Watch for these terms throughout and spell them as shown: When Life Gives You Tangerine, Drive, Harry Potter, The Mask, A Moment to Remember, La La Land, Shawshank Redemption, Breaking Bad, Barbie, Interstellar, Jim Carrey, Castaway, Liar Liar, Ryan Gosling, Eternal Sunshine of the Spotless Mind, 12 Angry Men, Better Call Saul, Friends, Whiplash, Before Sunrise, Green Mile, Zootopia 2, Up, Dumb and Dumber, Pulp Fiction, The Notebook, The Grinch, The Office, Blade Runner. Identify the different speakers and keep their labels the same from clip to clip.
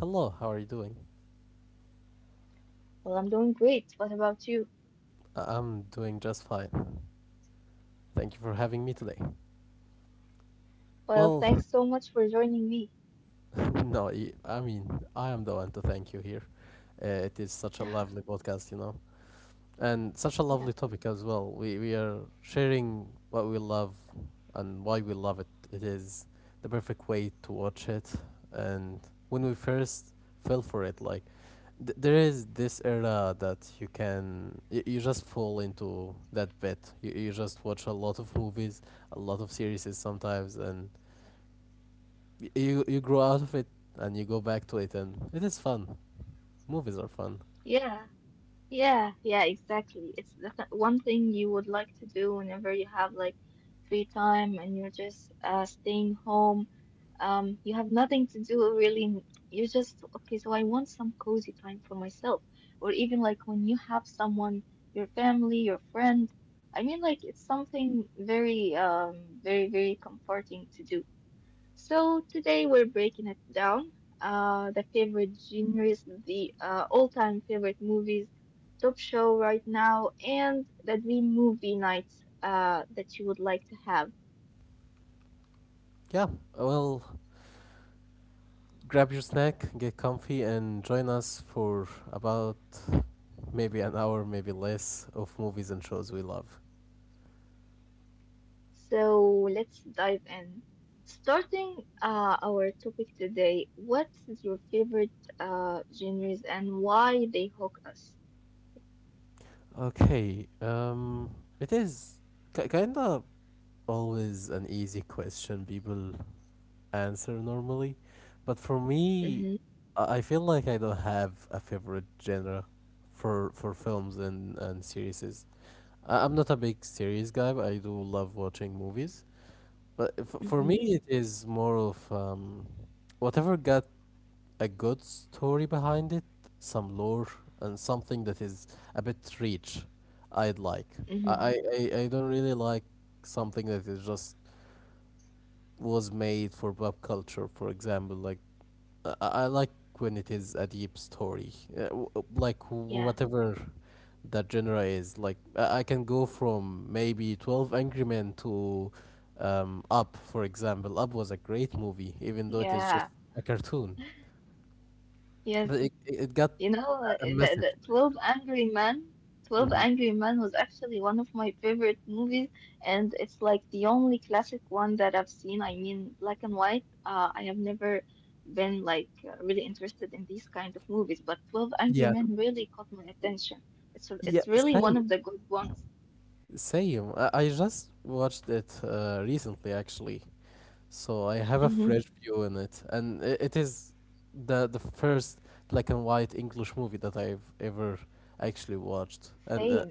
Speaker 1: Hello, how are you doing? I'm doing just fine. Thank you for having me today. Well, no, y- I mean, I am the one to thank you here. It is such a lovely podcast, you know, and such a lovely topic as well. We are sharing what we love and why we love it. It is the perfect way to watch it. And when we first fell for it, like there is this era that you can you just fall into that bit. You just watch a lot of movies, a lot of series sometimes, and you grow out of it and you go back to it, and it is fun. Movies are fun. Yeah. Well, grab your snack, get comfy, and join us for about maybe an hour, maybe less, of movies and shows we love. Okay, it is ki kinda always an easy question people answer normally, but for me, I feel like I don't have a favorite genre for films and series. I'm not a big series guy, but I do love watching movies. But for me, it is more of whatever got a good story behind it, some lore, and something that is a bit rich, I'd like. I don't really like something that is just was made for pop culture, for example. Like, I like when it is a deep story, like whatever that genre is. Like, I can go from maybe 12 Angry Men to Up, for example. Up was a great movie, even though it is just a cartoon. But it got a message. Mhm. Yeah. Yeah, same. Same. I just watched it recently, actually. So I have a fresh view in it, and it is the first black and white English movie that I've ever actually watched. And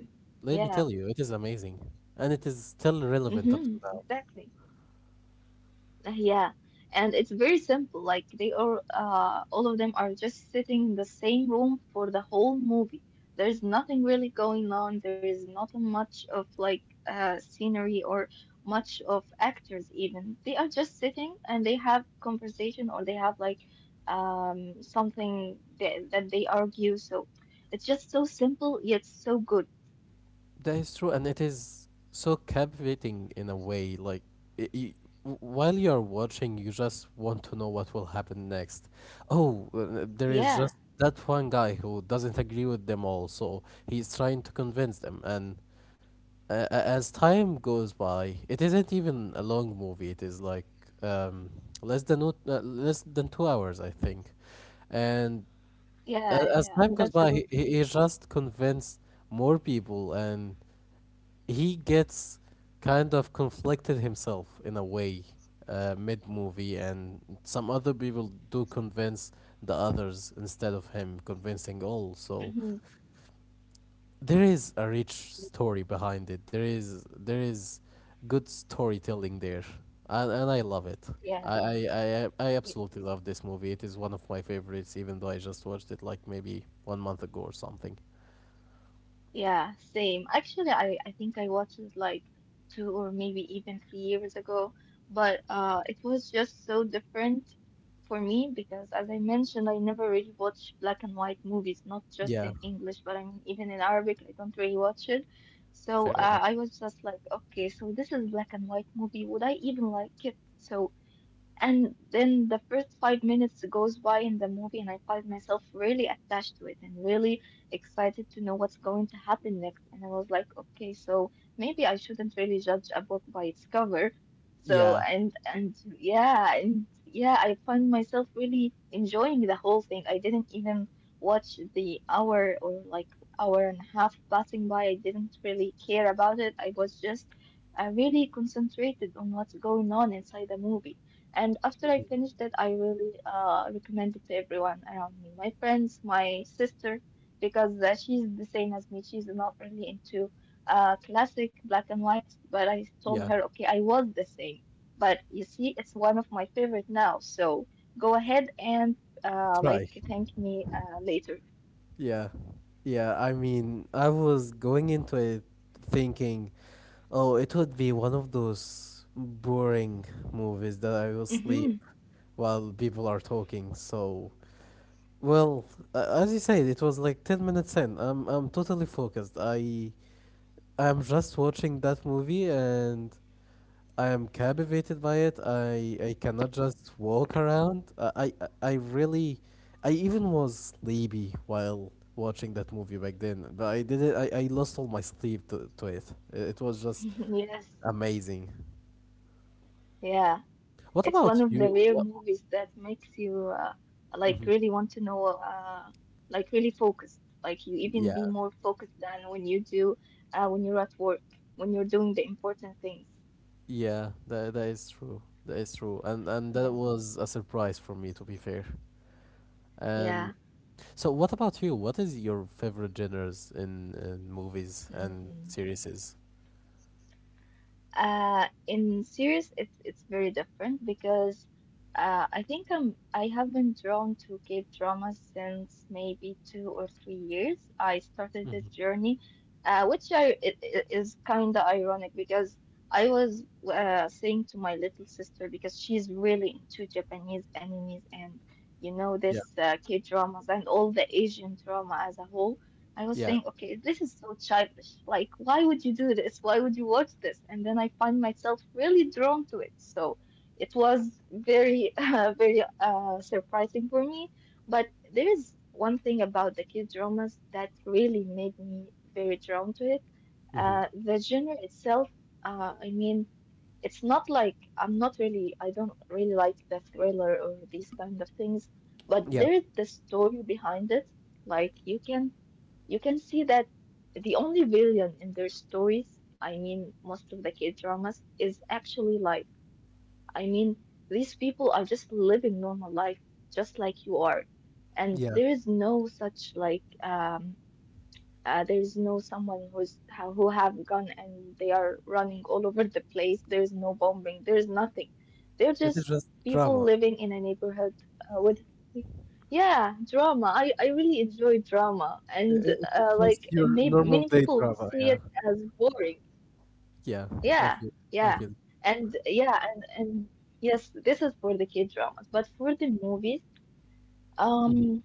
Speaker 1: let me tell you, it is amazing, and it is still relevant up to now. That is true, and it is so captivating in a way. Like, y y w while you're watching, you just want to know what will happen next. Oh, there is just that one guy who doesn't agree with them all, so he's trying to convince them. And as time goes by, it isn't even a long movie. It is like um, less than 2 hours, I think. And as time goes by, he just convinced more people and he gets kind of conflicted himself in a way mid movie, and some other people do convince the others instead of him convincing all. So there is a rich story behind it. There is good storytelling there, and I love it. I absolutely love this movie. It is one of my favorites, even though I just watched it like maybe 1 month ago or something. Yeah, fair enough. Yeah, mhm, yeah. Try. Yeah. Yeah, I mean, I was going into it thinking, oh, it would be one of those boring movies that I will sleep while people are talking. So, well, as you said, it was like 10 minutes in. I'm totally focused. I'm just watching that movie and I am captivated by it. I cannot just walk around. I really, I even was sleepy while watching that movie back then. But I did it. I lost all my sleep to it. It was just amazing. What about you? What? Mhm. Yeah, yeah. That is true. That is true. And that was a surprise for me, to be fair. And so, what about you? What is your favorite genres in movies and series? Mhm. Yeah. Yeah. Hmm. Yeah. Yeah. It is just drama. It is just your normal day drama. Yeah. Yeah. I feel. I feel. Hmm.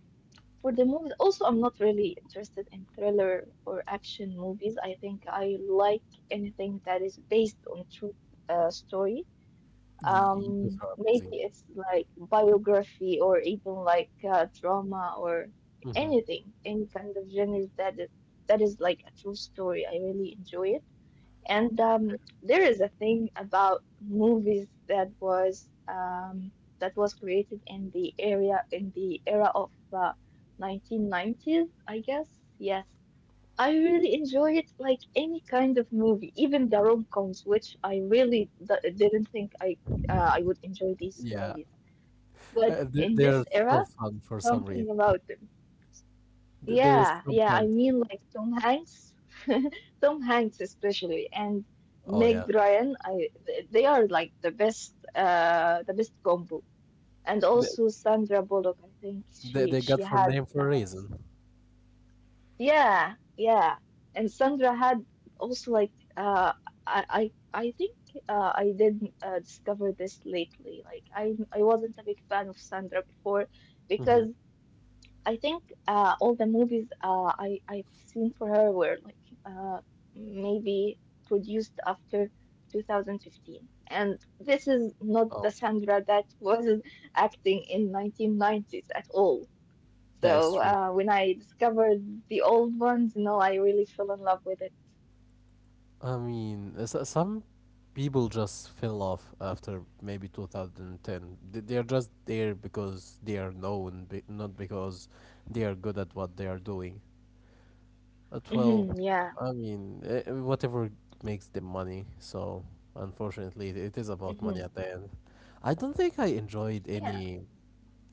Speaker 1: You, those are amazing. Hmm. Fair. Yeah. They are so fun for some reason. There is some fun to it. Oh yeah. They, they got for name for a reason. Hmm. Oh, that is true. I mean, some people just fell off after maybe 2010. They are just there because they are known, not because they are good at what they are doing. But well, I mean, whatever makes them money. So unfortunately, it is about money at the end. I don't think I enjoyed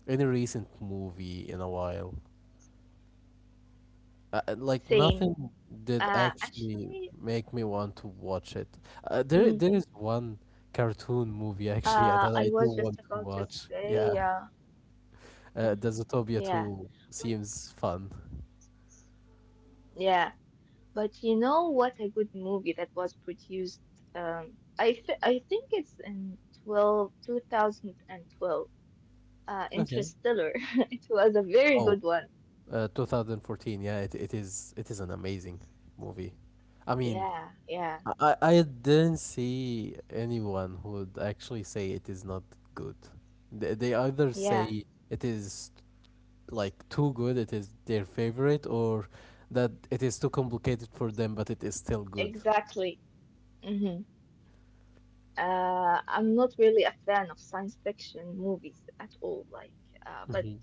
Speaker 1: any recent movie in a while. Like nothing did actually make me want to watch it. There is one cartoon movie actually that I do want to watch. Yeah, the Zootopia 2 seems fun. Okay. Oh, 2014. Yeah, it is. It is an amazing movie. I mean, I didn't see anyone who would actually say it is not good. They either say it is like too good it is their favorite or that it is too complicated for them but it is still good. Hmm.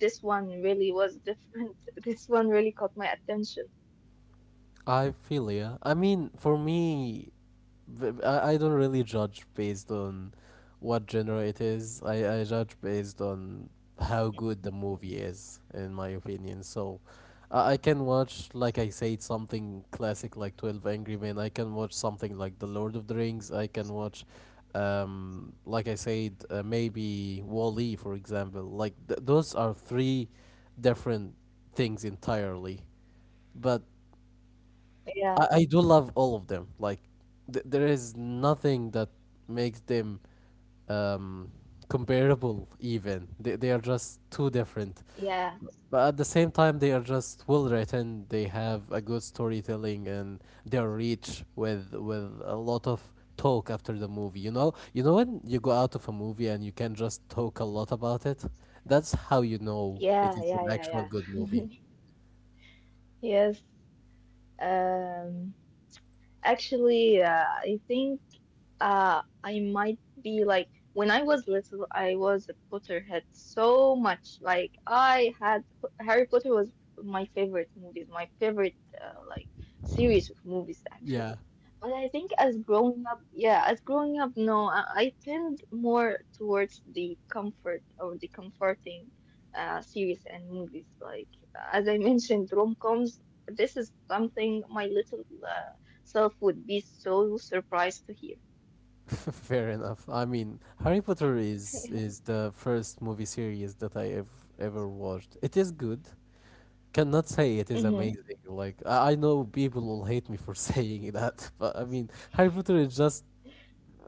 Speaker 1: I feel, yeah. I mean, for me, I don't really judge based on what genre it is. I judge based on how good the movie is, in my opinion. So I can watch, like I said, something classic like 12 Angry Men. I can watch something like The Lord of the Rings. I can watch, like I said, maybe Wall-E, for example. Like those are three different things entirely. But I do love all of them. Like, there is nothing that makes them um, comparable. Even they are just too different. But at the same time, they are just well written. They have a good storytelling, and they are rich with a lot of talk after the movie. You know when you go out of a movie and you can just talk a lot about it. That's how you know it is an actual good movie. Yeah. Fair enough. I mean, Harry Potter is the first movie series that I have ever watched. It is good. Cannot say it is amazing. Like I know people will hate me for saying that, but I mean, Harry Potter is just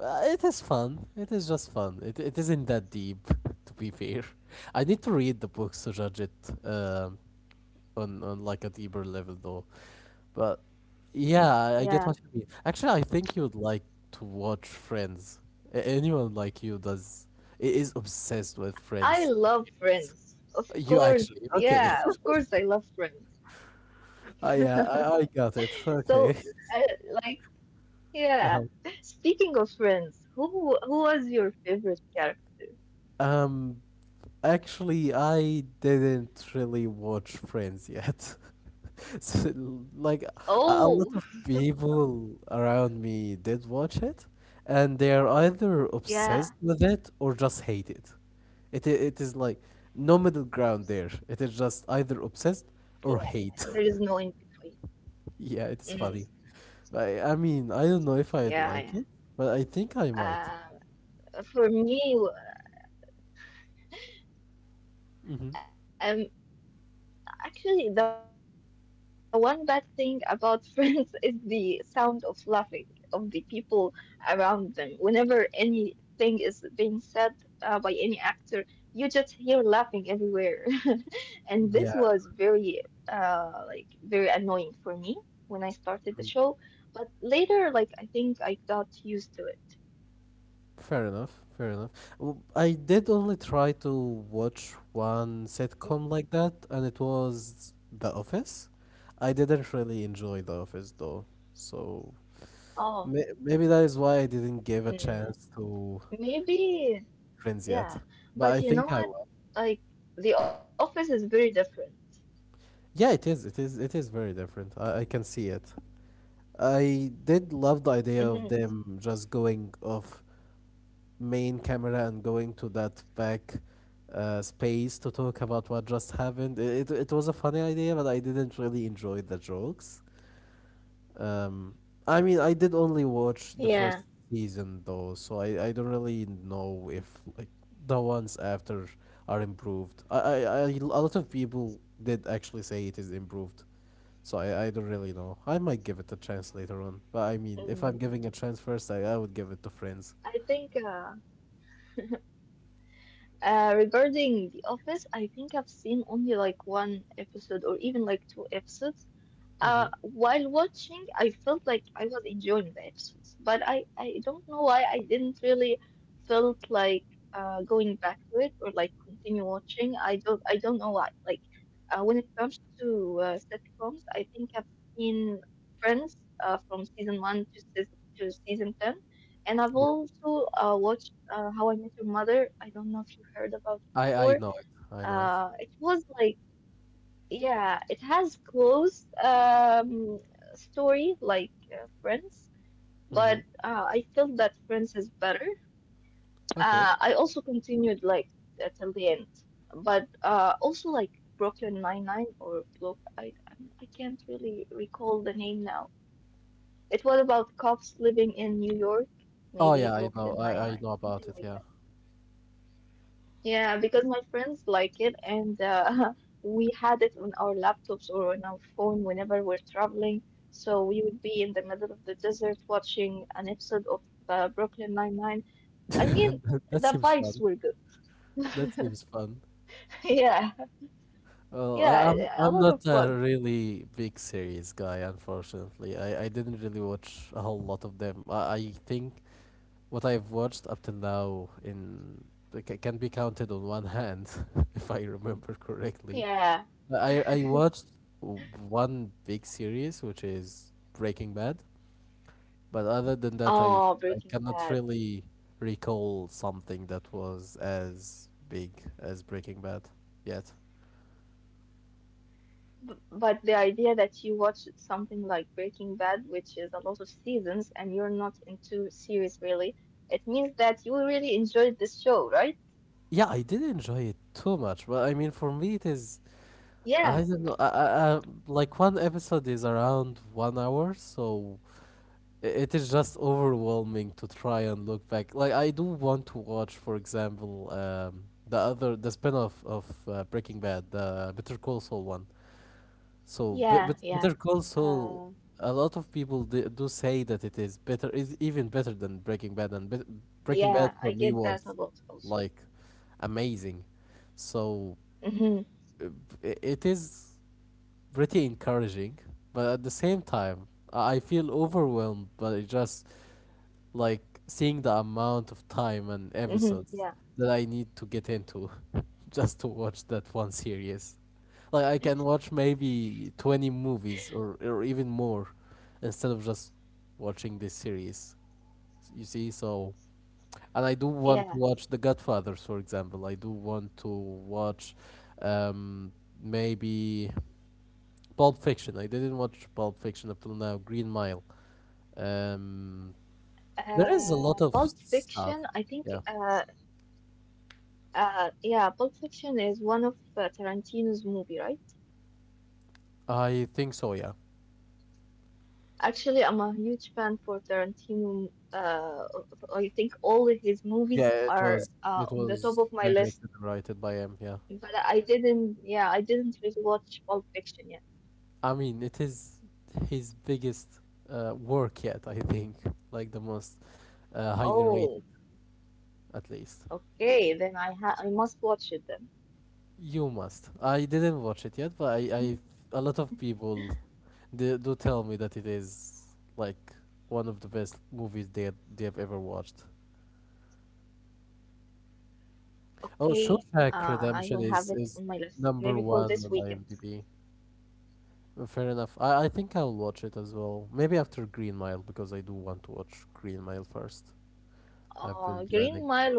Speaker 1: it is fun. It is just fun. It isn't that deep, to be fair. I need to read the books to judge it um on like a deeper level though. But yeah, I get what you mean. Actually, I think you'd like to watch Friends. Anyone like you does is obsessed with Friends, the series. You actually okay? I got it. Okay. Uh-huh. Um, Actually, I didn't really watch Friends yet. So, like a lot of people around me did watch it, and they are either obsessed with it or just hate it. It is like no middle ground there. It is just either obsessed or hate. Yeah, it is funny. I mean, I don't know if I'd like it, but I think I might. Hmm. Yeah. Fair enough. I did only try to watch one sitcom like that, and it was The Office. I didn't really enjoy The Office though, so maybe that is why I didn't give a chance to Friends yet. But I think I will. Yeah, it is very different. I can see it. I did love the idea of them just going off main camera and going to that back space to talk about what just happened. Was a funny idea, but I didn't really enjoy the jokes. Um, I mean, I did only watch the first season though, so I don't really know if like the ones after are improved. I A lot of people did actually say it is improved. So I don't really know. I might give it a chance later on. But I mean, if I'm giving a chance first, I would give it to Friends. Mm-hmm. I know it. I know it. Hmm. Okay. Oh yeah, I know. I know about it. Yeah. That seems fun. That seems fun. Well, I'm not a really big series guy, unfortunately. I didn't really watch a whole lot of them. I think what I've watched up till now in it can be counted on one hand, if I remember correctly. I watched w- one big series, which is Breaking Bad. But other than that, I cannot really recall something that was as big as Breaking Bad yet. Yeah, I did enjoy it too much, but I mean, for me, it is. I don't know. I, like, one episode is around 1 hour, so it is just overwhelming to try and look back. Like, I do want to watch, for example, the other, the spin off of Breaking Bad, the Better Call Saul one. So, but Better Call Saul, a lot of people do say that it is better, is even better than Breaking Bad, and bet Breaking Bad for me was like amazing. So, uh, it is pretty encouraging, but at the same time, I feel overwhelmed by just like seeing the amount of time and episodes that I need to get into just to watch that one series. Like I can watch maybe 20 movies or even more instead of just watching this series. You see, so and I do want to watch The Godfathers, for example. I do want to watch um, maybe Pulp Fiction. I didn't watch Pulp Fiction up till now. Green Mile. Um, there is a lot of stuff. Yeah, I think so. Yeah, yeah. It was directed and written by him. Yeah. I mean, it is his biggest work yet, I think. Like the most highly rated, at least. You must. I didn't watch it yet, but I a lot of people they do tell me that it is like one of the best movies they have ever watched. Oh, Shawshank Redemption is number one on IMDb. Fair enough. I think I'll watch it as well. Maybe after Green Mile because I do want to watch Green Mile first. I've been planning to go.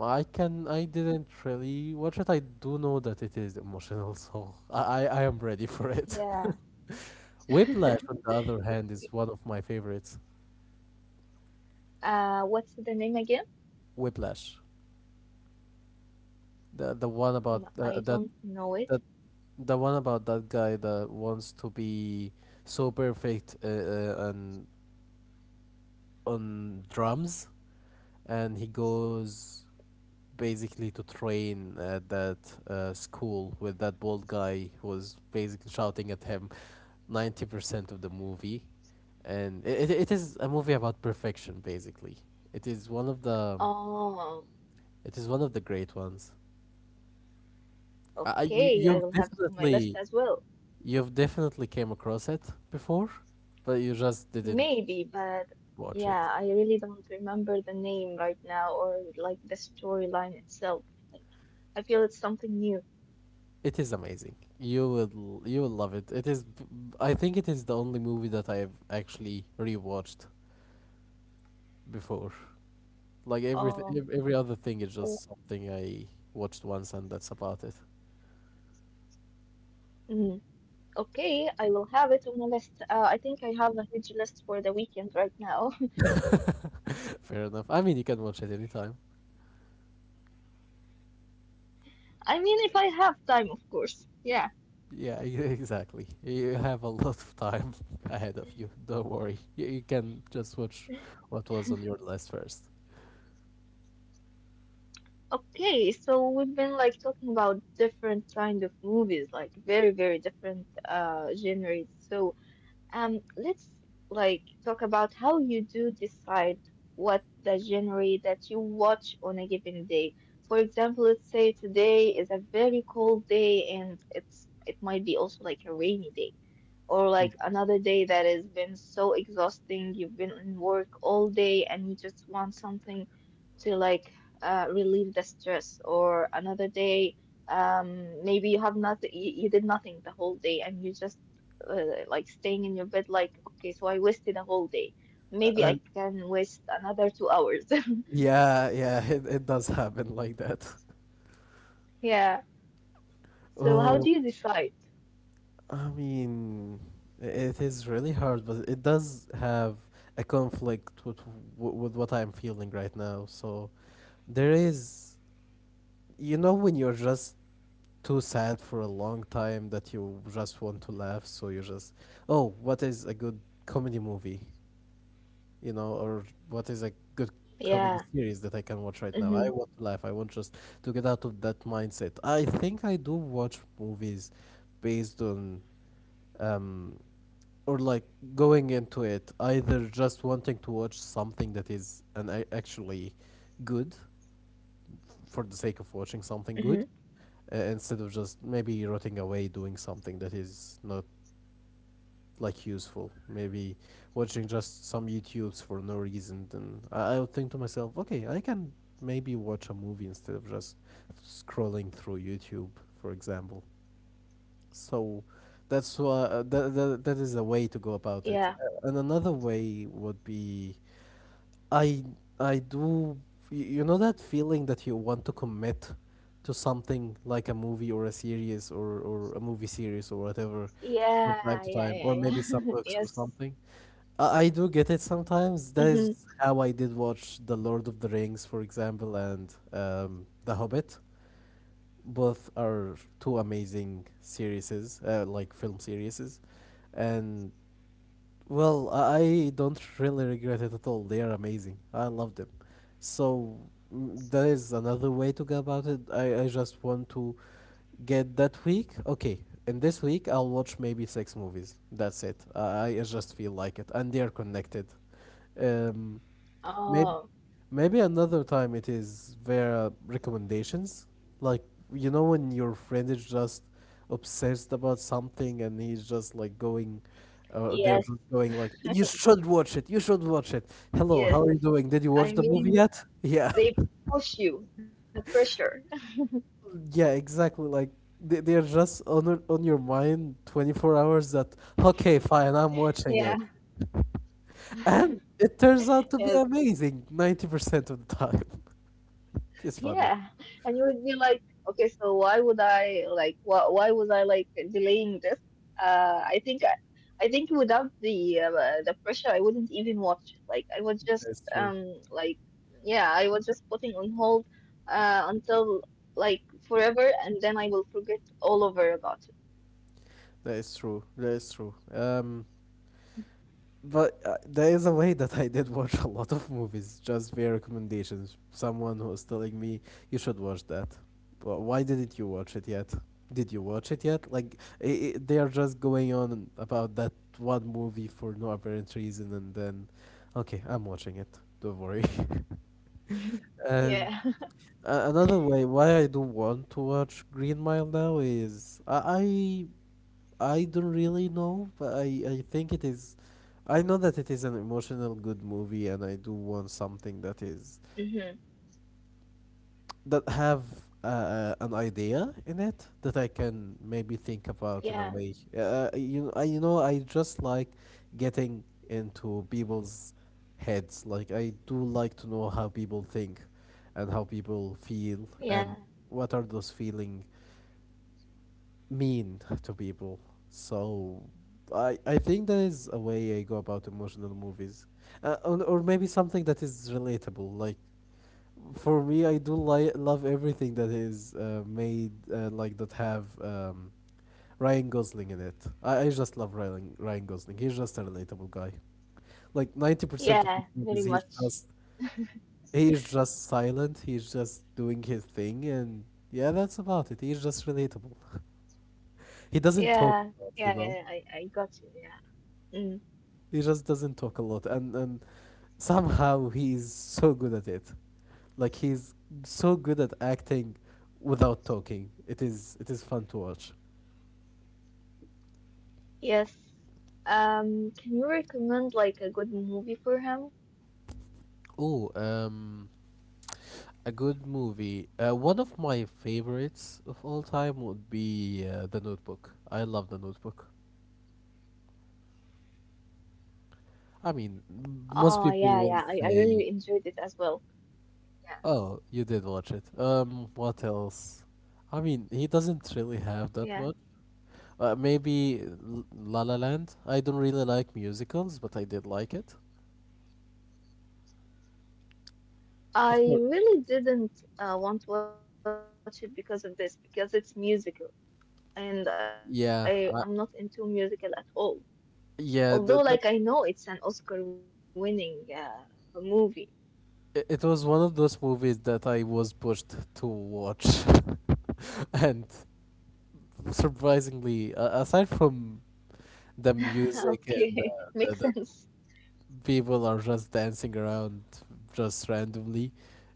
Speaker 1: I can. I didn't really watch it. I do know that it is emotional, so I am ready for it. Whiplash, on the other hand, is one of my favorites. Whiplash, the one about that that the one about that guy that wants to be so perfect on drums, and he goes basically to train at that school with that bald guy who was basically shouting at him 90% of the movie, and it is a movie about perfection. Basically, it is one of the it is one of the great ones. You you've definitely came across it before, but you just didn't watch it. It is amazing. You will love it. I think it is the only movie that I have actually rewatched before. Like every other thing is just something I watched once and that's about it. Fair enough. I mean, you can watch it anytime. Yeah, exactly. You have a lot of time ahead of you. Don't worry. You can just watch what was on your list first. Yeah. And yeah, yeah, it does happen like that. Well, I mean, it is really hard, but it does have a conflict with with what I'm feeling right now. So there is, you know, when you're just too sad for a long time that you just want to laugh so you just oh what is a good comedy movie you know or what is a good comedy series that I can watch right now. I want to laugh, I want just to get out of that mindset. I think I do watch movies based on um or like going into it, either just wanting to watch something that is actually good for the sake of watching something good, instead of just maybe rotting away doing something that is not like useful, maybe watching just some youtubes for no reason. Then I would think to myself, okay, I can maybe watch a movie instead of just scrolling through youtube, for example. So that's why that is a way to go about it. And another way would be I I do you know that feeling that you want to commit to something like a movie or a series or a movie series or whatever, from time to time, or maybe some books or something. I do get it sometimes. That is how I did watch The Lord of the Rings, for example, and The Hobbit. Both are two amazing series, like film series, and well, I don't really regret it at all. They are amazing. I love them. So that is another way to go about it. I just want to get that week. Okay, in this week I'll watch maybe six movies. That's it. I just feel like it, and they are connected. Um, maybe maybe another time it is via recommendations. Like you know when your friend is just obsessed about something and he's just like going. They're just going like, "You should watch it. You should watch it." Hello, how are you doing? Did you watch the movie yet? Yeah, yeah, exactly. Like they're just on on your mind 24 hours. That okay, fine, I'm watching it, and it turns out to be amazing 90% of the time. It's funny. That's true. That is true. That is true. But there is a way that I did watch a lot of movies just via recommendations. Someone was telling me you should watch that. But why didn't you watch it yet? Did you watch it yet? Like I they are just going on about that one movie for no apparent reason, and then, okay, I'm watching it. Don't worry. And another way why I don't want to watch Green Mile now is I I don't really know, but I think it is. I know that it is an emotional good movie, and I do want something that is that have an idea in it that I can maybe think about in a way. You know I just like getting into people's heads. Like I do like to know how people think, and how people feel, and what are those feeling mean to people. So I think that is a way I go about emotional movies, or maybe something that is relatable. Like for me, I do love everything that is made like that have Ryan Gosling in it. I just love Ryan Gosling. He's just a relatable guy. Like 90% of his movies, he's just he is just silent. He's just doing his thing, and yeah, that's about it. He's just relatable. He doesn't talk a lot, you know. He just doesn't talk a lot, and somehow he is so good at it. Like he's so good at acting without talking. It is fun to watch. Oh, a good movie. One of my favorites of all time would be The Notebook. I love The Notebook. I mean, most people won't say, "Oh, you did watch it." What else? I mean, he doesn't really have that much. Maybe La La Land. I don't really like musicals, but I did like it. Of course. Yeah, I, that it was one of those movies that I was pushed to watch, and surprisingly, aside from the music and the people are just dancing around just randomly,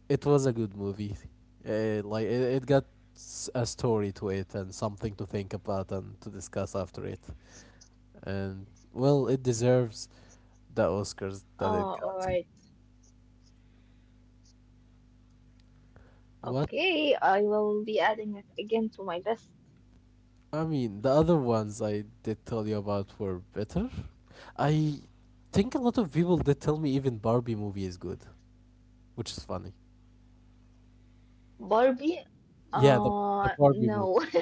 Speaker 1: it was a good movie. Like it got a story to it and something to think about and to discuss after it. And well, it deserves the Oscars that it got. What I mean, the other ones I did tell you about were better. I think a lot of people did tell me even Barbie movie is good, which is funny. Yeah, the Barbie movie.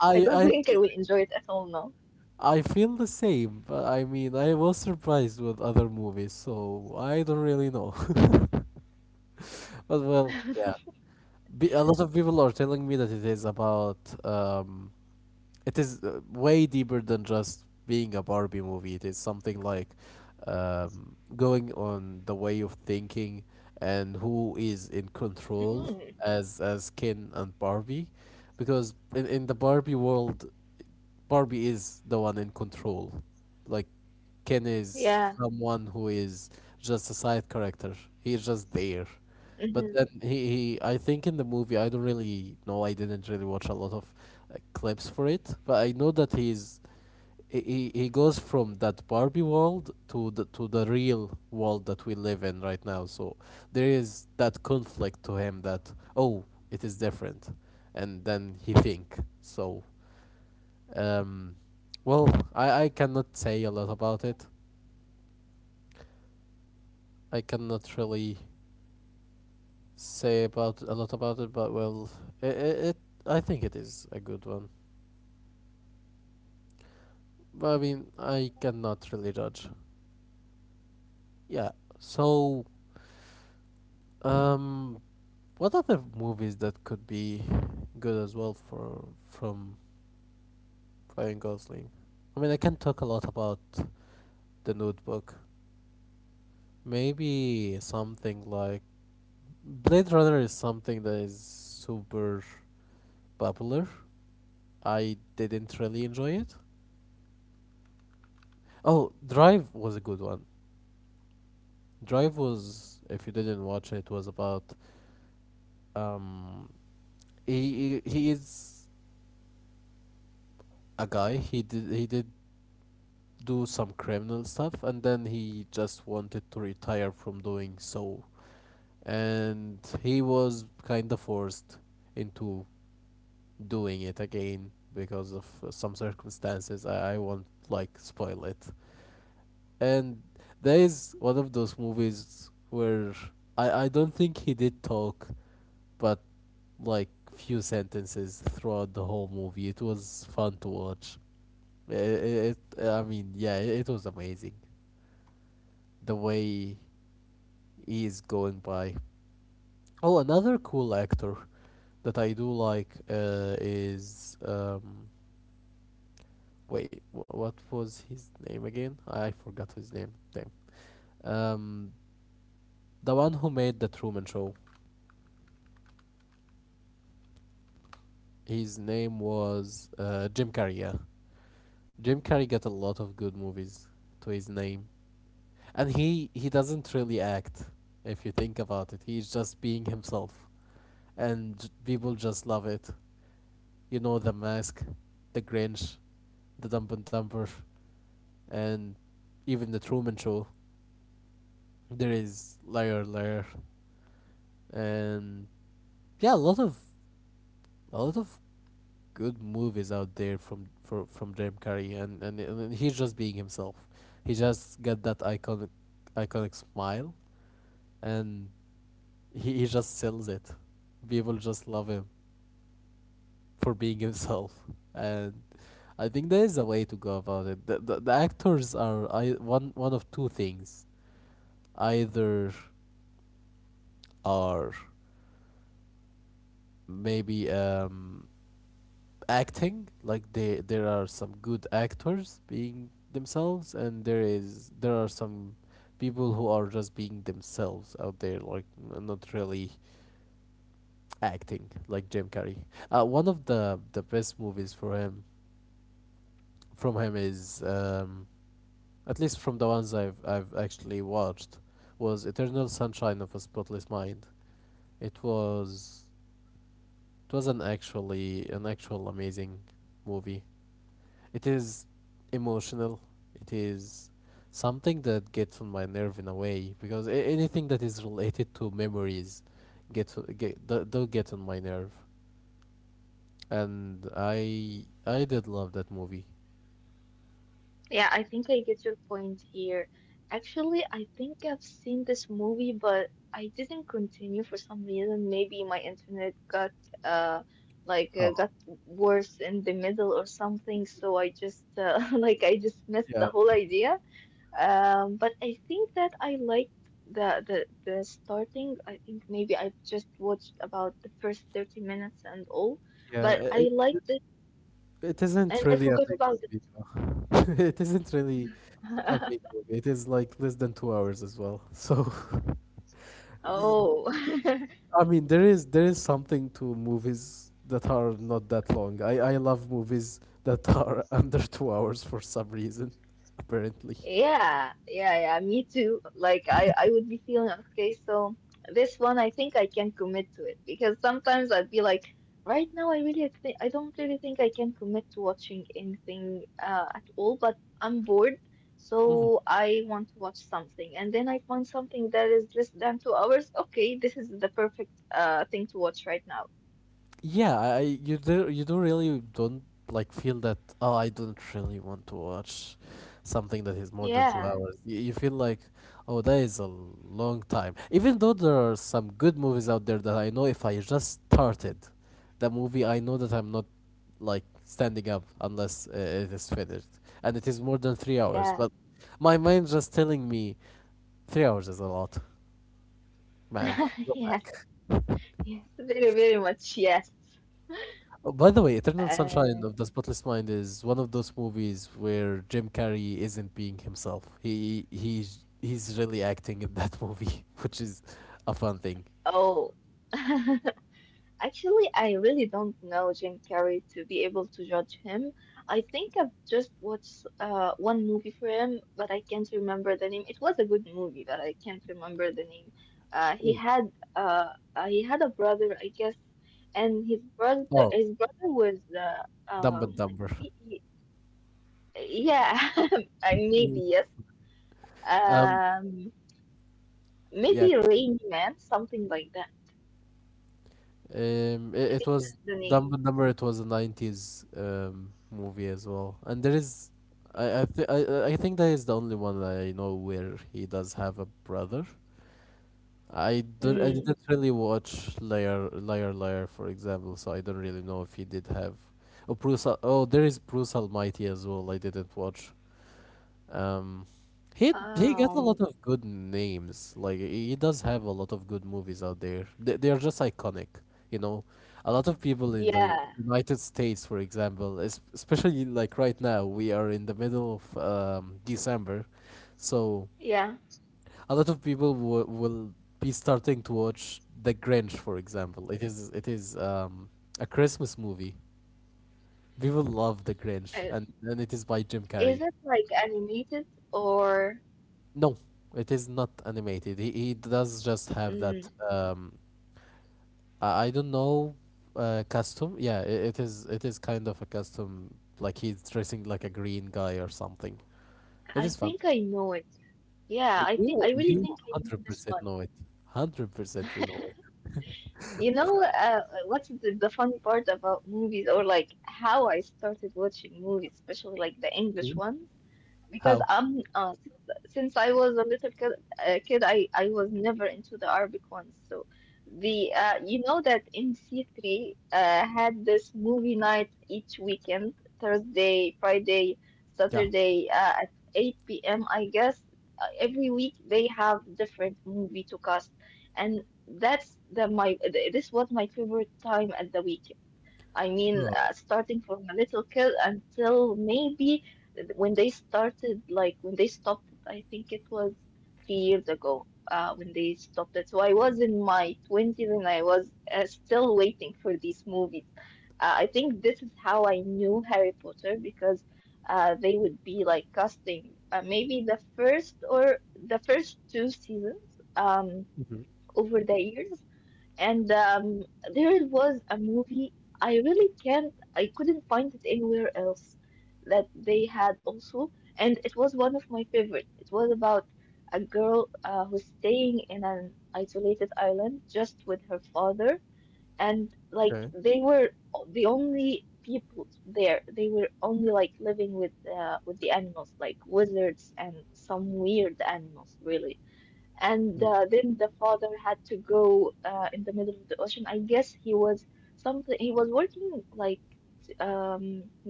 Speaker 1: I I feel I feel the same, but I mean I was surprised with other movies, so I don't really know. But well, yeah. Be, a lot of people are telling me that it is about um it is way deeper than just being a Barbie movie. It is something like going on the way of thinking and who is in control as Ken and Barbie, because in the Barbie world, Barbie is the one in control. Like Ken is someone who is just a side character. He's just there. But then he I think in the movie I don't really know I didn't really watch a lot of clips for it, but I know that he's he, he goes from that Barbie world to the real world that we live in right now. So there is that conflict to him that oh it is different, and then he think so um, well, I cannot say a lot about it. I cannot really say about a lot about it, but well, it I think it is a good one. But I mean, I cannot really judge. Yeah. So, um, what other movies that could be good as well for from Ryan Gosling? I mean, I can talk a lot about the Notebook. Maybe something like Blade Runner is something that is super popular. I didn't really enjoy it. Oh, Drive was a good one. Drive was, if you didn't watch it, was about um he is a guy. He did do some criminal stuff, and then he just wanted to retire from doing so, and he was kind of forced into doing it again because of some circumstances. I won't like spoil it. And there is one of those movies where I don't think he did talk, but like few sentences throughout the whole movie. It was fun to watch. I mean, yeah, it was amazing the way he is going by. Oh, another cool actor that I do like is wait what was his name again? I forgot his name. Damn. Um, the one who made the Truman Show. His name was Jim Carrey. Yeah, Jim Carrey got a lot of good movies to his name, and he doesn't really act. If you think about it, he's just being himself, and people just love it. You know, The Mask, The Grinch, The Dumb and Dumber, and even The Truman Show. There is Liar Liar, and yeah, a lot of good movies out there from Jim Carrey, and he's just being himself. He just got that iconic smile, and he just sells it. People just love him for being himself, and I think there is a way to go about it. The actors are I one of two things, either are maybe acting like they there are some good actors being themselves and there are some people who are just being themselves out there like not really acting. Like Jim Carrey, one of the best movies for him from him is at least from the ones I've actually watched, was Eternal Sunshine of a Spotless Mind. It was an actual amazing movie. It is emotional. It is something that gets on my nerve in a way because anything that is related to memories gets o- get do- do get on my nerve. And I did love that movie. Oh yeah, yeah. It isn't really a big movie. Though. It isn't really a big movie. It is like less than 2 hours as well. So I mean, there is something to movies that are not that long. I love movies that are under 2 hours for some reason, apparently. Yeah, I you do you don't really don't like feel that oh I don't really want to watch something that is more than 2 hours. You feel like oh that is a long time. Even though there are some good movies out there that I know if I just started the movie, I know that I'm not like standing up unless it is finished, and it is more than 3 hours. But my mind just telling me 3 hours is a lot, man. Oh, by the way, Eternal Sunshine of the Spotless Mind is one of those movies where Jim Carrey isn't being himself. He's really acting in that movie, which is a fun thing. Ooh. Oh, Dumb and Dumber. Mm. Um, yeah, it was Dumb and Dumber. It was a '90s movie as well, and there is, I th- I think that is the only one I know where he does have a brother. I didn't really watch Liar Liar Liar for example, so I don't really know if he did have. Oh, Bruce! Oh, there is Bruce Almighty as well. I didn't watch. Um, he got a lot of good names. Like he does have a lot of good movies out there. They are just iconic, you know. A lot of people in the United States, for example, especially like right now, we are in the middle of December, so a lot of people will be starting to watch The Grinch, for example. It is a Christmas movie. People love The Grinch, and it is by Jim Carrey. No, it is not animated. He does just have that. I don't know, custom. Yeah, I it is kind of a custom. Like he's dressing like a green guy or something. It is fun. You 100% know it. 100% you know it. Mhm. How? Yeah. Oh. Mhm. Okay.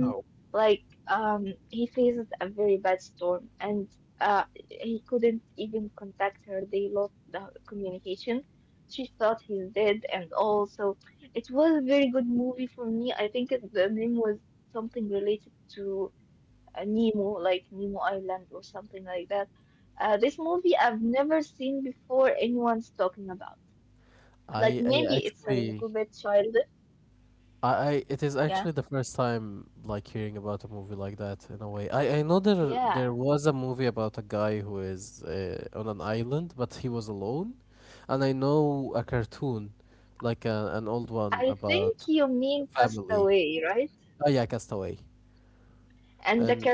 Speaker 1: Wow. I I actually I it is actually the first time like hearing about a movie like that in a way. I know there was a movie about a guy who is on an island but he was alone, and I know a cartoon, like an old one about a family. Oh yeah, Castaway. And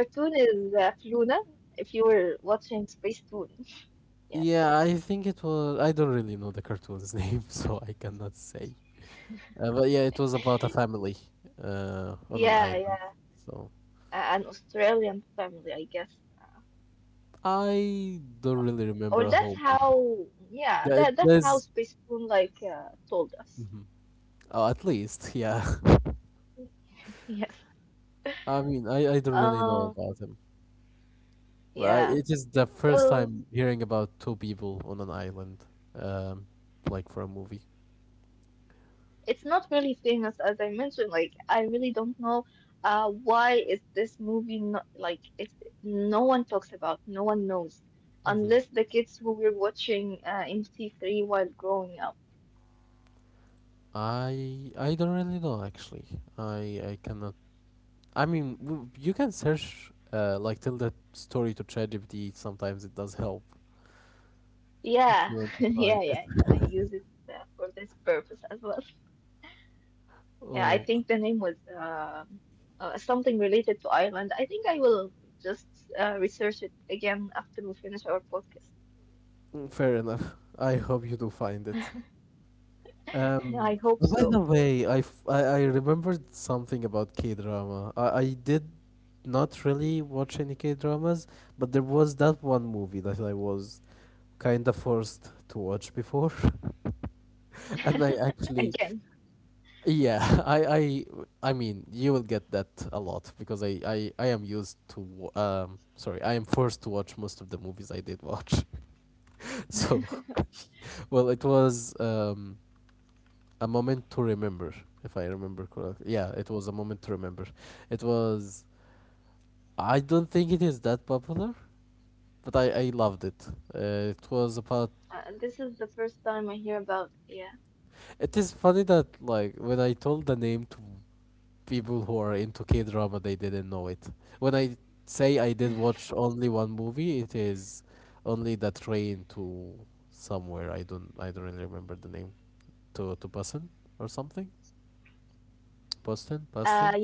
Speaker 1: yeah, I think it was. I don't really know the cartoon's name, so I cannot say. But yeah, it was about a family on an island. So I don't really remember a whole bunch. There's at least, yeah. I mean, I don't really know about him, but I, it is the first time hearing about two people on an island, um, like for a movie. Hmm. I don't really know actually. I I cannot. I mean, you can search like tell that story to ChatGPT. Sometimes it does help if you want to find it. Oh, fair enough. I hope you do find it. Oh, by the way, I remembered something about K-drama. I did not really watch any K-dramas, but there was that one movie that I was kind of forced to watch before, and yeah, I, I, I mean, you will get that a lot because I am used to, wa- sorry, I am forced to watch most of the movies I did watch. So, well, it was. A Moment to Remember, if I remember correctly. Yeah, it was A Moment to Remember. It was. I don't think it is that popular, but I loved it. It was about. It is funny that, like, when I told the name to people who are into K drama, they didn't know it. When I say I did watch only one movie, it is only The Train to Somewhere. I don't really remember the name. To Boston or something? Boston? Boston?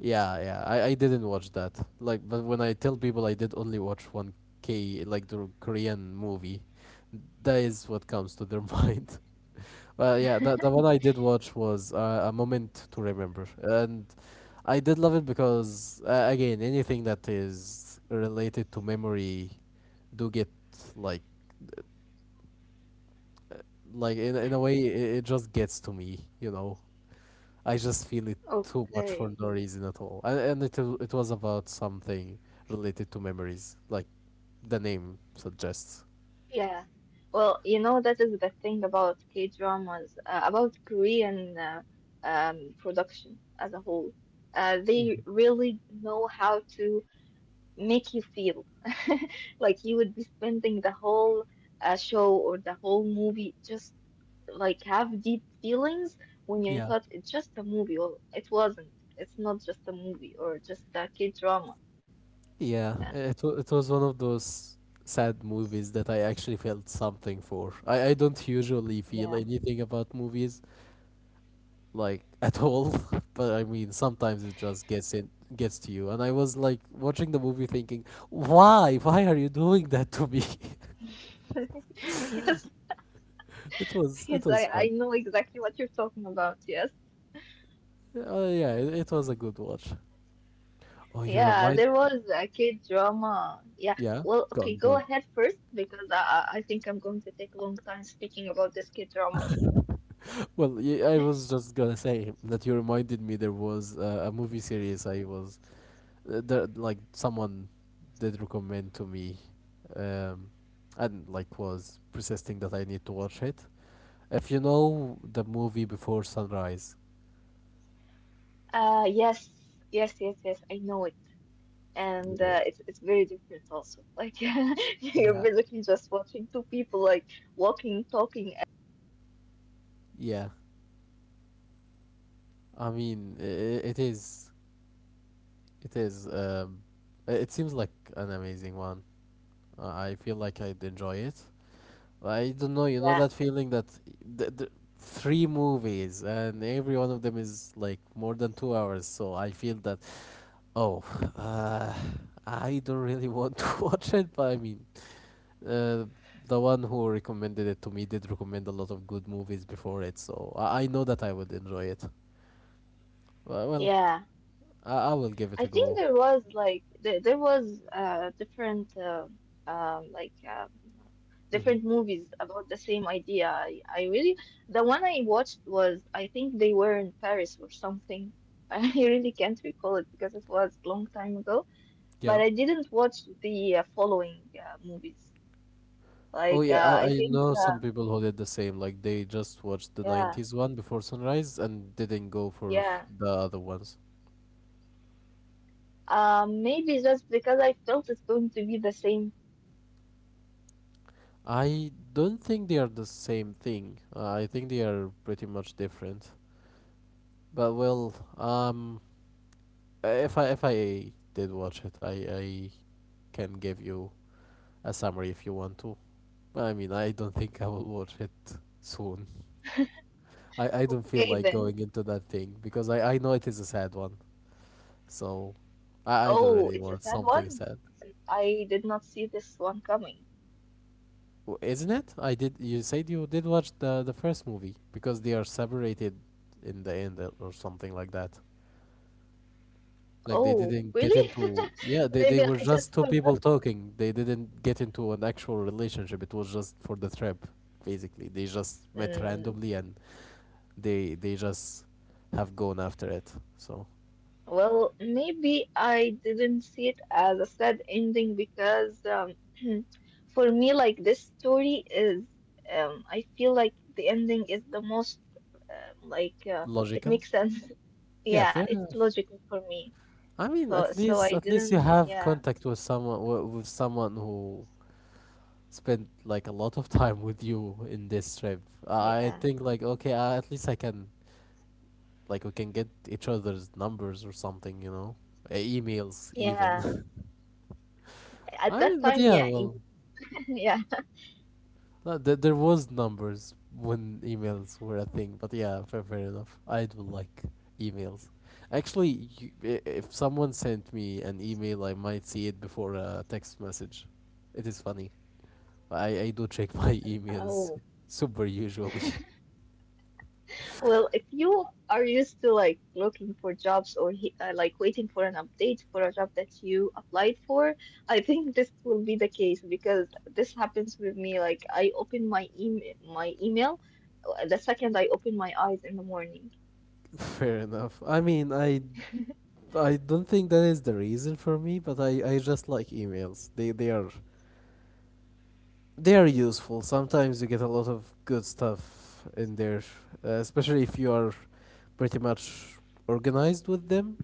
Speaker 1: Yeah, yeah. I didn't watch that. Like, but when I tell people I did only watch one K like the Korean movie, that is what comes to their mind. But yeah, that the one I did watch was a moment to remember, and I did love it because again, anything that is related to memory do get like, uh, like in a way, it just gets to me, you know. I just feel it too much for no reason at all. And it was about something related to memories, like the name suggests. Mhm. Yeah. Yeah, it was one of those sad movies that I actually felt something for. I don't usually feel anything about movies, like at all, but I mean, sometimes it just gets in, gets to you. And I was like watching the movie thinking why are you doing that to me. It was fun. Yeah, it was a good watch. Oh, you remind. Yeah, gone, gone. Well, I was just gonna say that you reminded me there was a movie series like someone did recommend to me, um, and like was persisting that I need to watch it. If you know the movie Before Sunrise, yeah, yeah. I mean, it is, it is. It seems like an amazing one. I feel like I'd enjoy it. I don't know. You know that feeling that the three movies and every one of them is like more than 2 hours. So I feel that oh, uh, I don't really want to watch it. But I mean, uh, the one who recommended it to me did recommend a lot of good movies before it. So I know that I would enjoy it. Well, I will give it a go. hmm Yeah. Oh yeah, I know some people who did the same. Like they just watched the 90s one before sunrise and didn't go for the other ones. I don't think they are the same thing. I think they are pretty much different. But well, if I did watch it, I can give you a summary if you want to. I mean, I don't think I will watch it soon. I don't feel
Speaker 2: Okay
Speaker 1: like
Speaker 2: then.
Speaker 1: going into that thing because I know it is a sad one. So I don't
Speaker 2: Oh,
Speaker 1: really
Speaker 2: it's a
Speaker 1: want
Speaker 2: sad
Speaker 1: something
Speaker 2: one.
Speaker 1: sad.
Speaker 2: I did not see this one coming.
Speaker 1: Isn't it? I did. You said you did watch the first movie because they are separated in the end, or something like that. Like they
Speaker 2: Oh,
Speaker 1: didn't
Speaker 2: really?
Speaker 1: get into. Yeah, they
Speaker 2: Maybe
Speaker 1: were
Speaker 2: I
Speaker 1: just
Speaker 2: just
Speaker 1: two
Speaker 2: forgot.
Speaker 1: people talking. They didn't get into an actual relationship. It was just for the trip, basically. They just met
Speaker 2: Mm,
Speaker 1: randomly and they just have gone after it. So
Speaker 2: well, maybe I didn't see it as a sad ending because for me, this story is, I feel like the ending is the most, it
Speaker 1: logical.
Speaker 2: makes sense.
Speaker 1: Yeah,
Speaker 2: Yeah,
Speaker 1: fair
Speaker 2: it's
Speaker 1: enough.
Speaker 2: logical for me.
Speaker 1: I mean,
Speaker 2: So,
Speaker 1: at
Speaker 2: so I
Speaker 1: least at least you
Speaker 2: didn't.
Speaker 1: have
Speaker 2: Yeah,
Speaker 1: contact with someone with someone who spend like a lot of time with you in this trip. I
Speaker 2: yeah,
Speaker 1: think like okay, at least I can like we can get each other's numbers or something, you know, emails
Speaker 2: yeah.
Speaker 1: even.
Speaker 2: At
Speaker 1: I
Speaker 2: that
Speaker 1: mean, but
Speaker 2: time,
Speaker 1: yeah,
Speaker 2: yeah,
Speaker 1: well,
Speaker 2: yeah.
Speaker 1: there was numbers when emails were a thing, but yeah, fair enough. I do like emails. Actually, if someone sent me an email, I might see it before a text message. It is funny. I do check my emails
Speaker 2: Oh,
Speaker 1: super usually.
Speaker 2: well, if you are used to like looking for jobs or like waiting for an update for a job that you applied for, I think this will be the case because this happens with me. Like I open my email the second I open my eyes in the morning.
Speaker 1: Fair enough. I mean, I don't think that is the reason for me, but I just like emails. They are they are useful. Sometimes you get a lot of good stuff in there, especially if you are pretty much organized with them.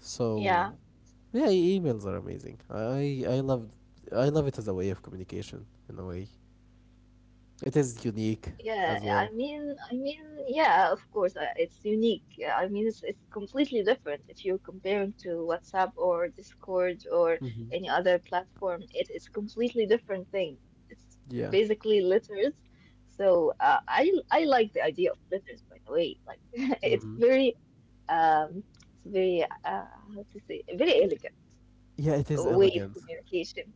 Speaker 1: So,
Speaker 2: Yeah.
Speaker 1: yeah, emails are amazing. I love I love it as a way of communication in a way. It is unique
Speaker 2: Yeah,
Speaker 1: as
Speaker 2: I
Speaker 1: well.
Speaker 2: mean, I mean, yeah, of course, it's unique. Yeah, I mean, it's completely different if you're comparing to WhatsApp or Discord or
Speaker 1: Mhm.
Speaker 2: any other platform. It's completely different thing. It's
Speaker 1: Yeah.
Speaker 2: basically letters. So I like the idea of letters, by the way. Like it's
Speaker 1: Mhm.
Speaker 2: very um, it's very how to say very elegant
Speaker 1: Yeah, it is
Speaker 2: way of
Speaker 1: elegant.
Speaker 2: communication.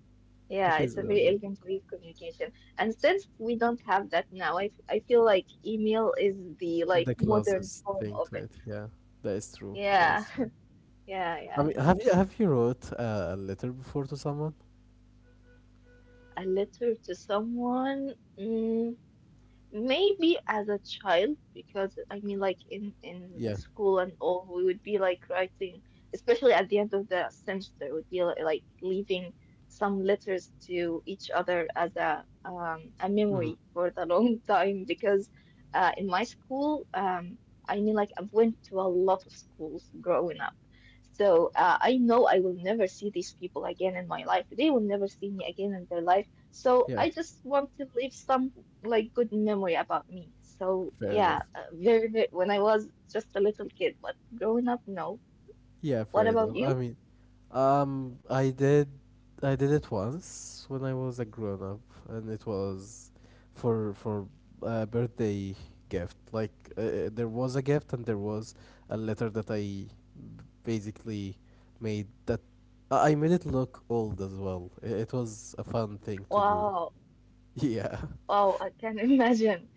Speaker 1: It
Speaker 2: Yeah,
Speaker 1: is
Speaker 2: it's a very
Speaker 1: elegant.
Speaker 2: elegant way of communication. And since we don't have that now, I feel like email is the like
Speaker 1: The
Speaker 2: modern
Speaker 1: closest
Speaker 2: form
Speaker 1: thing
Speaker 2: of
Speaker 1: to
Speaker 2: it.
Speaker 1: it, yeah. That is true. That
Speaker 2: Yeah,
Speaker 1: is true.
Speaker 2: yeah,
Speaker 1: I
Speaker 2: yeah,
Speaker 1: mean,
Speaker 2: yeah.
Speaker 1: have you wrote a letter before to someone?
Speaker 2: A letter to someone. Mm, maybe as a child, because I mean, like in
Speaker 1: Yeah.
Speaker 2: school and all, we would be like writing, especially at the end of the semester, would be like leaving some letters to each other as a
Speaker 1: hmm
Speaker 2: memory for the long time. Because in my school, I mean, like I went to a lot of schools growing up, so I know I will never see these people again in my life. They will never see me again in their life. So
Speaker 1: Yeah.
Speaker 2: I just want to leave some like good memory about me. So
Speaker 1: Fair
Speaker 2: yeah,
Speaker 1: enough.
Speaker 2: very, very when I was just a little kid, but growing up, no.
Speaker 1: Yeah,
Speaker 2: What
Speaker 1: fair
Speaker 2: about
Speaker 1: enough. I
Speaker 2: you?
Speaker 1: mean, um, I did, I did it once when I was a grown up, and it was for a birthday gift. Like there was a gift, and there was a letter that basically made that I made it look old as well. It was a fun thing to do.
Speaker 2: Wow,
Speaker 1: Yeah.
Speaker 2: wow, I can imagine.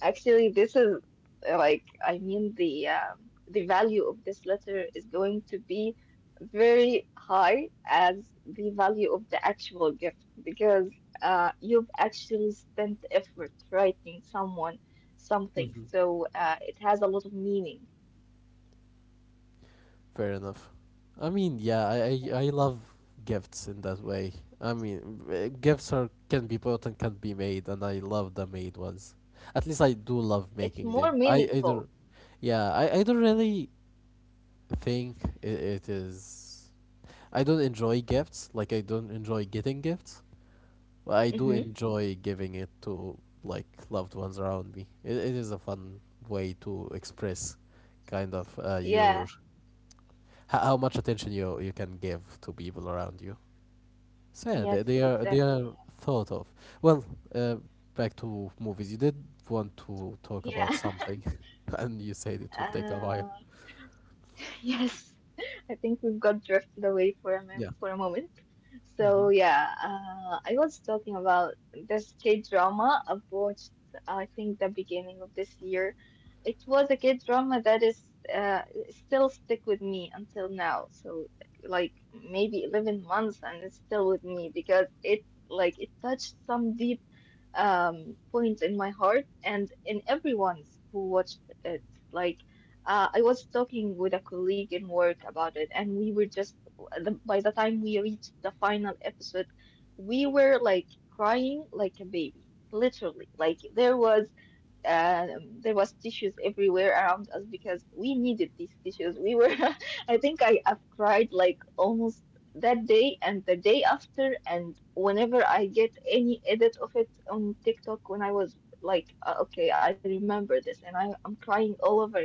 Speaker 2: Actually, this is like I mean the value of this letter is going to be very high as the value of the actual gift because you've actually spent effort writing someone something,
Speaker 1: Mm-hmm.
Speaker 2: so it has a lot of meaning.
Speaker 1: Fair enough. I mean, yeah, I love gifts in that way. I mean, gifts are can be bought and can be made, and I love the made ones. At least I do love
Speaker 2: It's
Speaker 1: making
Speaker 2: more
Speaker 1: them. I I
Speaker 2: meaningful.
Speaker 1: don't, yeah, I I don't really think it is. I don't enjoy gifts. Like I don't enjoy getting gifts, but I do
Speaker 2: Mm-hmm.
Speaker 1: enjoy giving it to like loved ones around me. It is a fun way to express, kind of, your
Speaker 2: Yeah.
Speaker 1: how much attention you can give to people around you. So yeah,
Speaker 2: Yes,
Speaker 1: they are
Speaker 2: exactly.
Speaker 1: thought of. Well, uh, back to movies. You did want to talk about
Speaker 2: Yeah.
Speaker 1: something, and you said it would take a while.
Speaker 2: Uh, Yes, I think we've got drifted away for a
Speaker 1: Yeah.
Speaker 2: for a moment. So
Speaker 1: hmm
Speaker 2: yeah, I was talking about this K drama I've watched. I think the beginning of this year. It was a K drama that is still stick with me until now. So like maybe 11 months and it's still with me because it like it touched some deep point in my heart and in everyone's who watched it. Like I was talking with a colleague in work about it, and we were just, by the time we reached the final episode, we were like crying like a baby, literally. Like there was tissues everywhere around us because we needed these tissues. We were, I think I have cried like almost that day and the day after, and whenever I get any edit of it on TikTok when I was like, okay, I remember this, and I'm crying all over again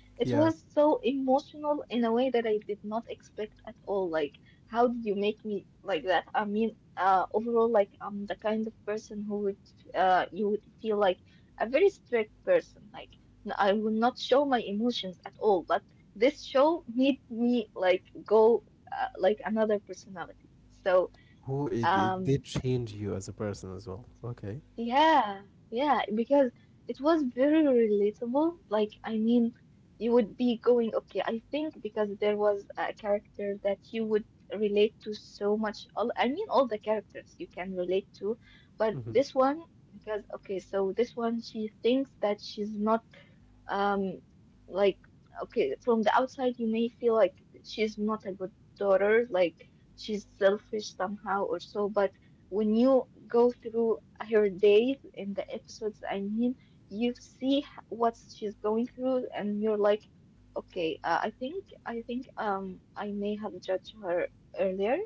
Speaker 2: it was
Speaker 1: Yeah.
Speaker 2: so emotional in a way that I did not expect at all. Like, how did you make me like that? I mean, overall, like, I'm the kind of person who would, you would feel like a very strict person. Like, I will not show my emotions at all. But this show made me like go, like another personality. So,
Speaker 1: Who it
Speaker 2: um,
Speaker 1: did change you as a person as well. Okay.
Speaker 2: yeah, yeah, because it was very relatable. Like, I mean, you would be going, okay, I think because there was a character that you would relate to so much. All, I mean, all the characters you can relate to, but
Speaker 1: hmm
Speaker 2: this one, because, okay, so this one, she thinks that she's not um, like, okay, from the outside, you may feel like she's not a good daughter, like she's selfish somehow or so, but when you go through her days in the episodes, I mean, you see what she's going through, and you're like, okay, I think, I may have judged her earlier,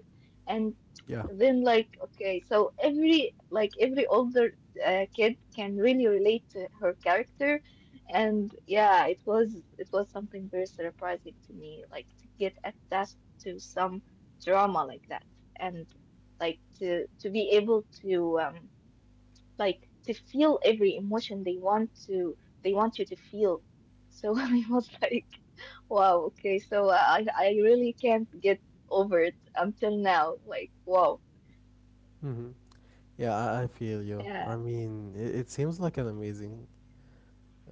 Speaker 2: and
Speaker 1: Yeah.
Speaker 2: then like okay so every like every older kid can really relate to her character and yeah, it was something very surprising to me, like to get attached to some drama like that, and like to be able to like to feel every emotion they want to they want you to feel. So I was like, wow, okay, so I really can't get over it until now. Like, wow,
Speaker 1: Mm-hmm. Yeah, I feel you.
Speaker 2: yeah,
Speaker 1: I mean, it seems like an amazing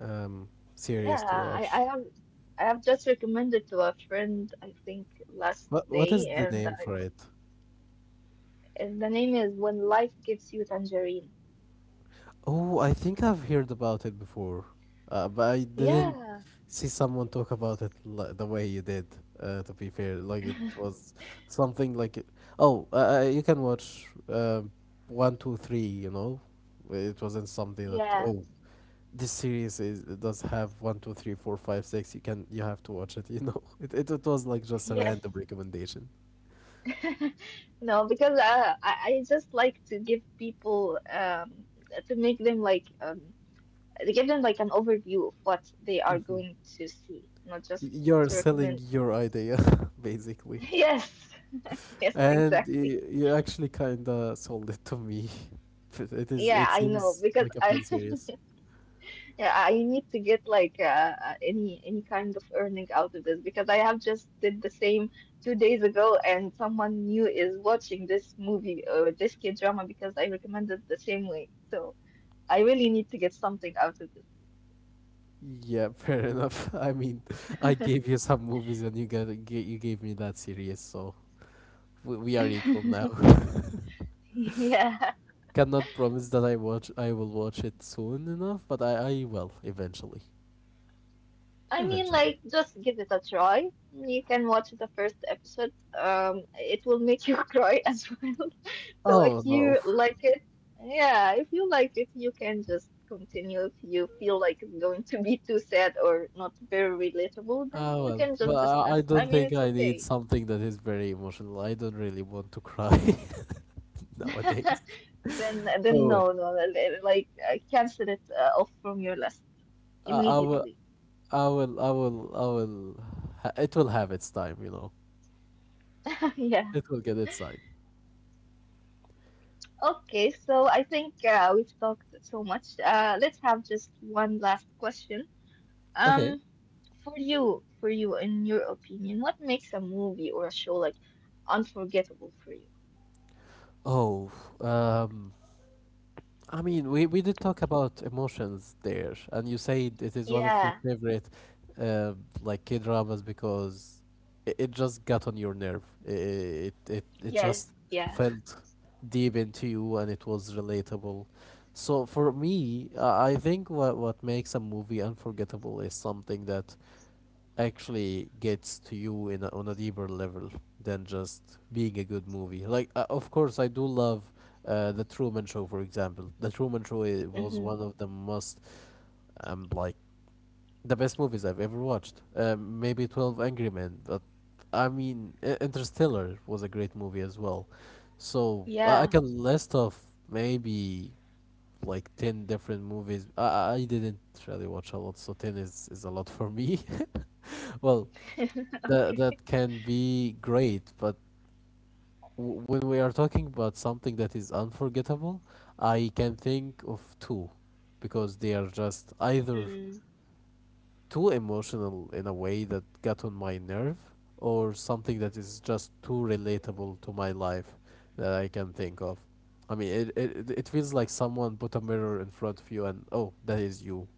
Speaker 1: um series
Speaker 2: yeah,
Speaker 1: to watch.
Speaker 2: I have just recommended to a friend, I think last
Speaker 1: What
Speaker 2: day,
Speaker 1: is the
Speaker 2: and
Speaker 1: name
Speaker 2: I.
Speaker 1: for it?
Speaker 2: And the name is When Life Gives You Tangerine.
Speaker 1: Oh, I think I've heard about it before, but I didn't
Speaker 2: Yeah.
Speaker 1: see someone talk about it the way you did. To be fair, like it was something like, oh, you can watch one, two, three. You know, it wasn't something that
Speaker 2: Yeah,
Speaker 1: oh, this series is it does have one, two, three, four, five, six. You can you have to watch it. You know, it was like just a random
Speaker 2: yes.
Speaker 1: recommendation.
Speaker 2: No, because I just like to give people to make them like to give them like an overview of what they are
Speaker 1: Mhm.
Speaker 2: going to see, not just
Speaker 1: You're
Speaker 2: to
Speaker 1: selling
Speaker 2: recommend.
Speaker 1: your idea, basically.
Speaker 2: Yes, yes,
Speaker 1: And
Speaker 2: exactly.
Speaker 1: you actually kinda sold it to me. But It is
Speaker 2: Yeah,
Speaker 1: it
Speaker 2: I know
Speaker 1: seems
Speaker 2: because
Speaker 1: like a
Speaker 2: I
Speaker 1: fun series.
Speaker 2: yeah, I need to get like any kind of earning out of this because I have just did the same 2 days ago, and someone new is watching this movie or this kid drama because I recommended the same way. So I really need to get something out of this.
Speaker 1: Yeah, fair enough. I mean, I gave you some movies and you got you gave me that series, so we are equal now.
Speaker 2: Yeah.
Speaker 1: Cannot promise that I will watch it soon enough, but I will eventually.
Speaker 2: I mean, like,
Speaker 1: Eventually.
Speaker 2: just give it a try. You can watch the first episode. It will make you cry as well. So
Speaker 1: Oh
Speaker 2: if
Speaker 1: no.
Speaker 2: you like it, yeah, if you like it, you can just continue. If you feel like it's going to be too sad or not very relatable,
Speaker 1: Ah
Speaker 2: then you
Speaker 1: well,
Speaker 2: can just
Speaker 1: but
Speaker 2: dismiss.
Speaker 1: I
Speaker 2: I
Speaker 1: don't
Speaker 2: mean,
Speaker 1: think
Speaker 2: it's
Speaker 1: I need
Speaker 2: okay.
Speaker 1: something that is very emotional. I don't really want to cry nowadays.
Speaker 2: Then
Speaker 1: Oh well,
Speaker 2: no, no, like, cancel it off from your list
Speaker 1: I, I will
Speaker 2: immediately.
Speaker 1: I will, I will, I will. It will have its time, you know.
Speaker 2: Yeah.
Speaker 1: It will get its time.
Speaker 2: Okay, so I think we've talked so much. Let's have just one last question.
Speaker 1: Okay.
Speaker 2: Um, for you, in your opinion, what makes a movie or a show like unforgettable for you?
Speaker 1: Oh, um, I mean, we did talk about emotions there, and you said it is one of your
Speaker 2: Yeah,
Speaker 1: favorite, uh, like K dramas because it just got on your nerve. It
Speaker 2: yeah,
Speaker 1: just
Speaker 2: yeah.
Speaker 1: felt deep into you, and it was relatable. So for me, I think what makes a movie unforgettable is something that actually gets to you in a, on a deeper level than just being a good movie. Like, of course, I do love the Truman Show, for example. The Truman Show was
Speaker 2: Mm-hmm.
Speaker 1: one of the most, like the best movies I've ever watched. Maybe Twelve Angry Men, but I mean, Interstellar was a great movie as well. So I
Speaker 2: Yeah.
Speaker 1: can list off maybe like 10 different movies. I didn't really watch a lot, so 10 is a lot for me. Well,
Speaker 2: Okay.
Speaker 1: that can be great, but when we are talking about something that is unforgettable, I can think of two, because they are just either
Speaker 2: Mm.
Speaker 1: too emotional in a way that got on my nerve, or something that is just too relatable to my life that I can think of. I mean, it it feels like someone put a mirror in front of you, and oh, that is you.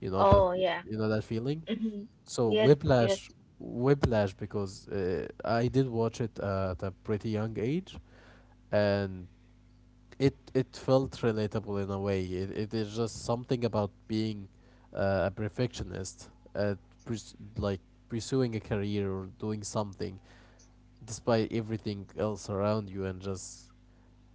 Speaker 1: You know that
Speaker 2: Oh, yeah.
Speaker 1: you know that feeling.
Speaker 2: Mm-hmm.
Speaker 1: So
Speaker 2: Yes, yes.
Speaker 1: Whiplash, Whiplash, because I did watch it at a pretty young age, and it felt relatable in a way. It is just something about being a perfectionist, at like pursuing a career or doing something despite everything else around you, and just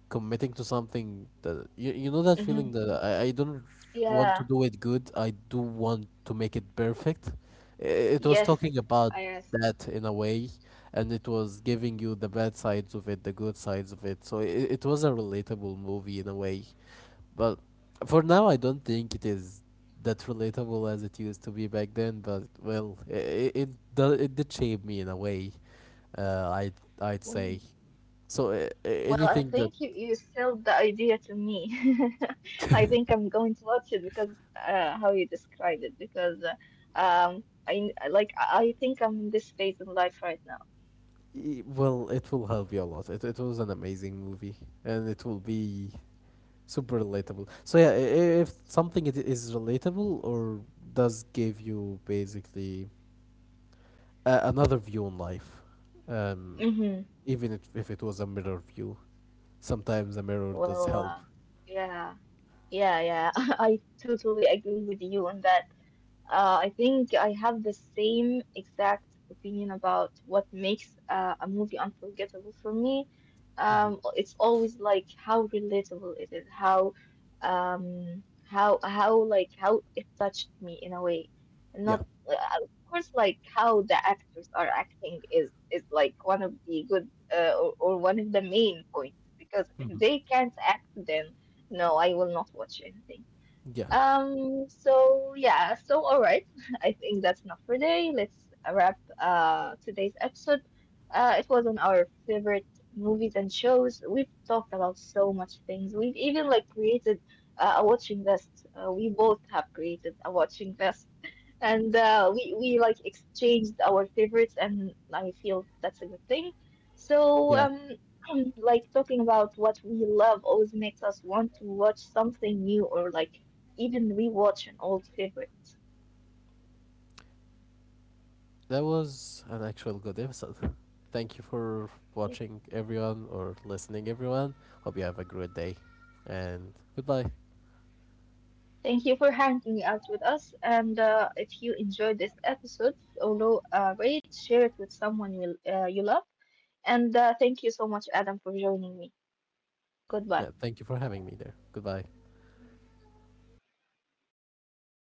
Speaker 1: committing to something that you know that
Speaker 2: Mm-hmm.
Speaker 1: feeling that I don't want
Speaker 2: Yeah.
Speaker 1: to do it good. I do want to make it perfect. It was
Speaker 2: Yes.
Speaker 1: talking about
Speaker 2: I
Speaker 1: that in a way, and it was giving you the bad sides of it, the good sides of it. So it was a relatable movie in a way, but for now I don't think it is that relatable as it used to be back then. But well, it did shape me in a way uh, i I'd, I'd say.
Speaker 2: yes.
Speaker 1: So
Speaker 2: Well, I
Speaker 1: anything that
Speaker 2: think you sold the idea to me. I think I'm going to watch it because how you described it because I think I'm in this phase in life right now.
Speaker 1: Well, it will help you a lot. It was an amazing movie, and it will be super relatable. So yeah, if something it is relatable or does give you basically another view on life, um,
Speaker 2: Hmm.
Speaker 1: even if it was a mirror view, sometimes a mirror does
Speaker 2: Well,
Speaker 1: help.
Speaker 2: yeah, yeah, yeah. I totally agree with you on that. I think I have the same exact opinion about what makes a movie unforgettable for me.
Speaker 1: hmm
Speaker 2: It's always like how relatable it is, how like how it touched me in a way, and
Speaker 1: Yeah.
Speaker 2: not of course like how the actors are acting is like one of the good or one of the main points because if
Speaker 1: hmm
Speaker 2: they can't act, then no, I will not watch anything.
Speaker 1: Yeah.
Speaker 2: So yeah, so all right. I think that's enough for today. Let's wrap today's episode. It was on our favorite movies and shows. We've talked about so much things. We've even like created a watching list. We both have created a watching list and uh, we like exchanged our favorites, and I feel that's a good thing. So
Speaker 1: Yeah.
Speaker 2: like talking about what we love always makes us want to watch something new or like even rewatch an old favorite.
Speaker 1: That was an actual good episode. Thank you for watching everyone or listening everyone. Hope you have a great day and goodbye.
Speaker 2: Thank you for hanging out with us, and if you enjoyed this episode, follow, rate, share it with someone you you love, and thank you so much, Adam, for joining me.
Speaker 1: Yeah,
Speaker 2: Goodbye.
Speaker 1: thank you for having me there. Goodbye.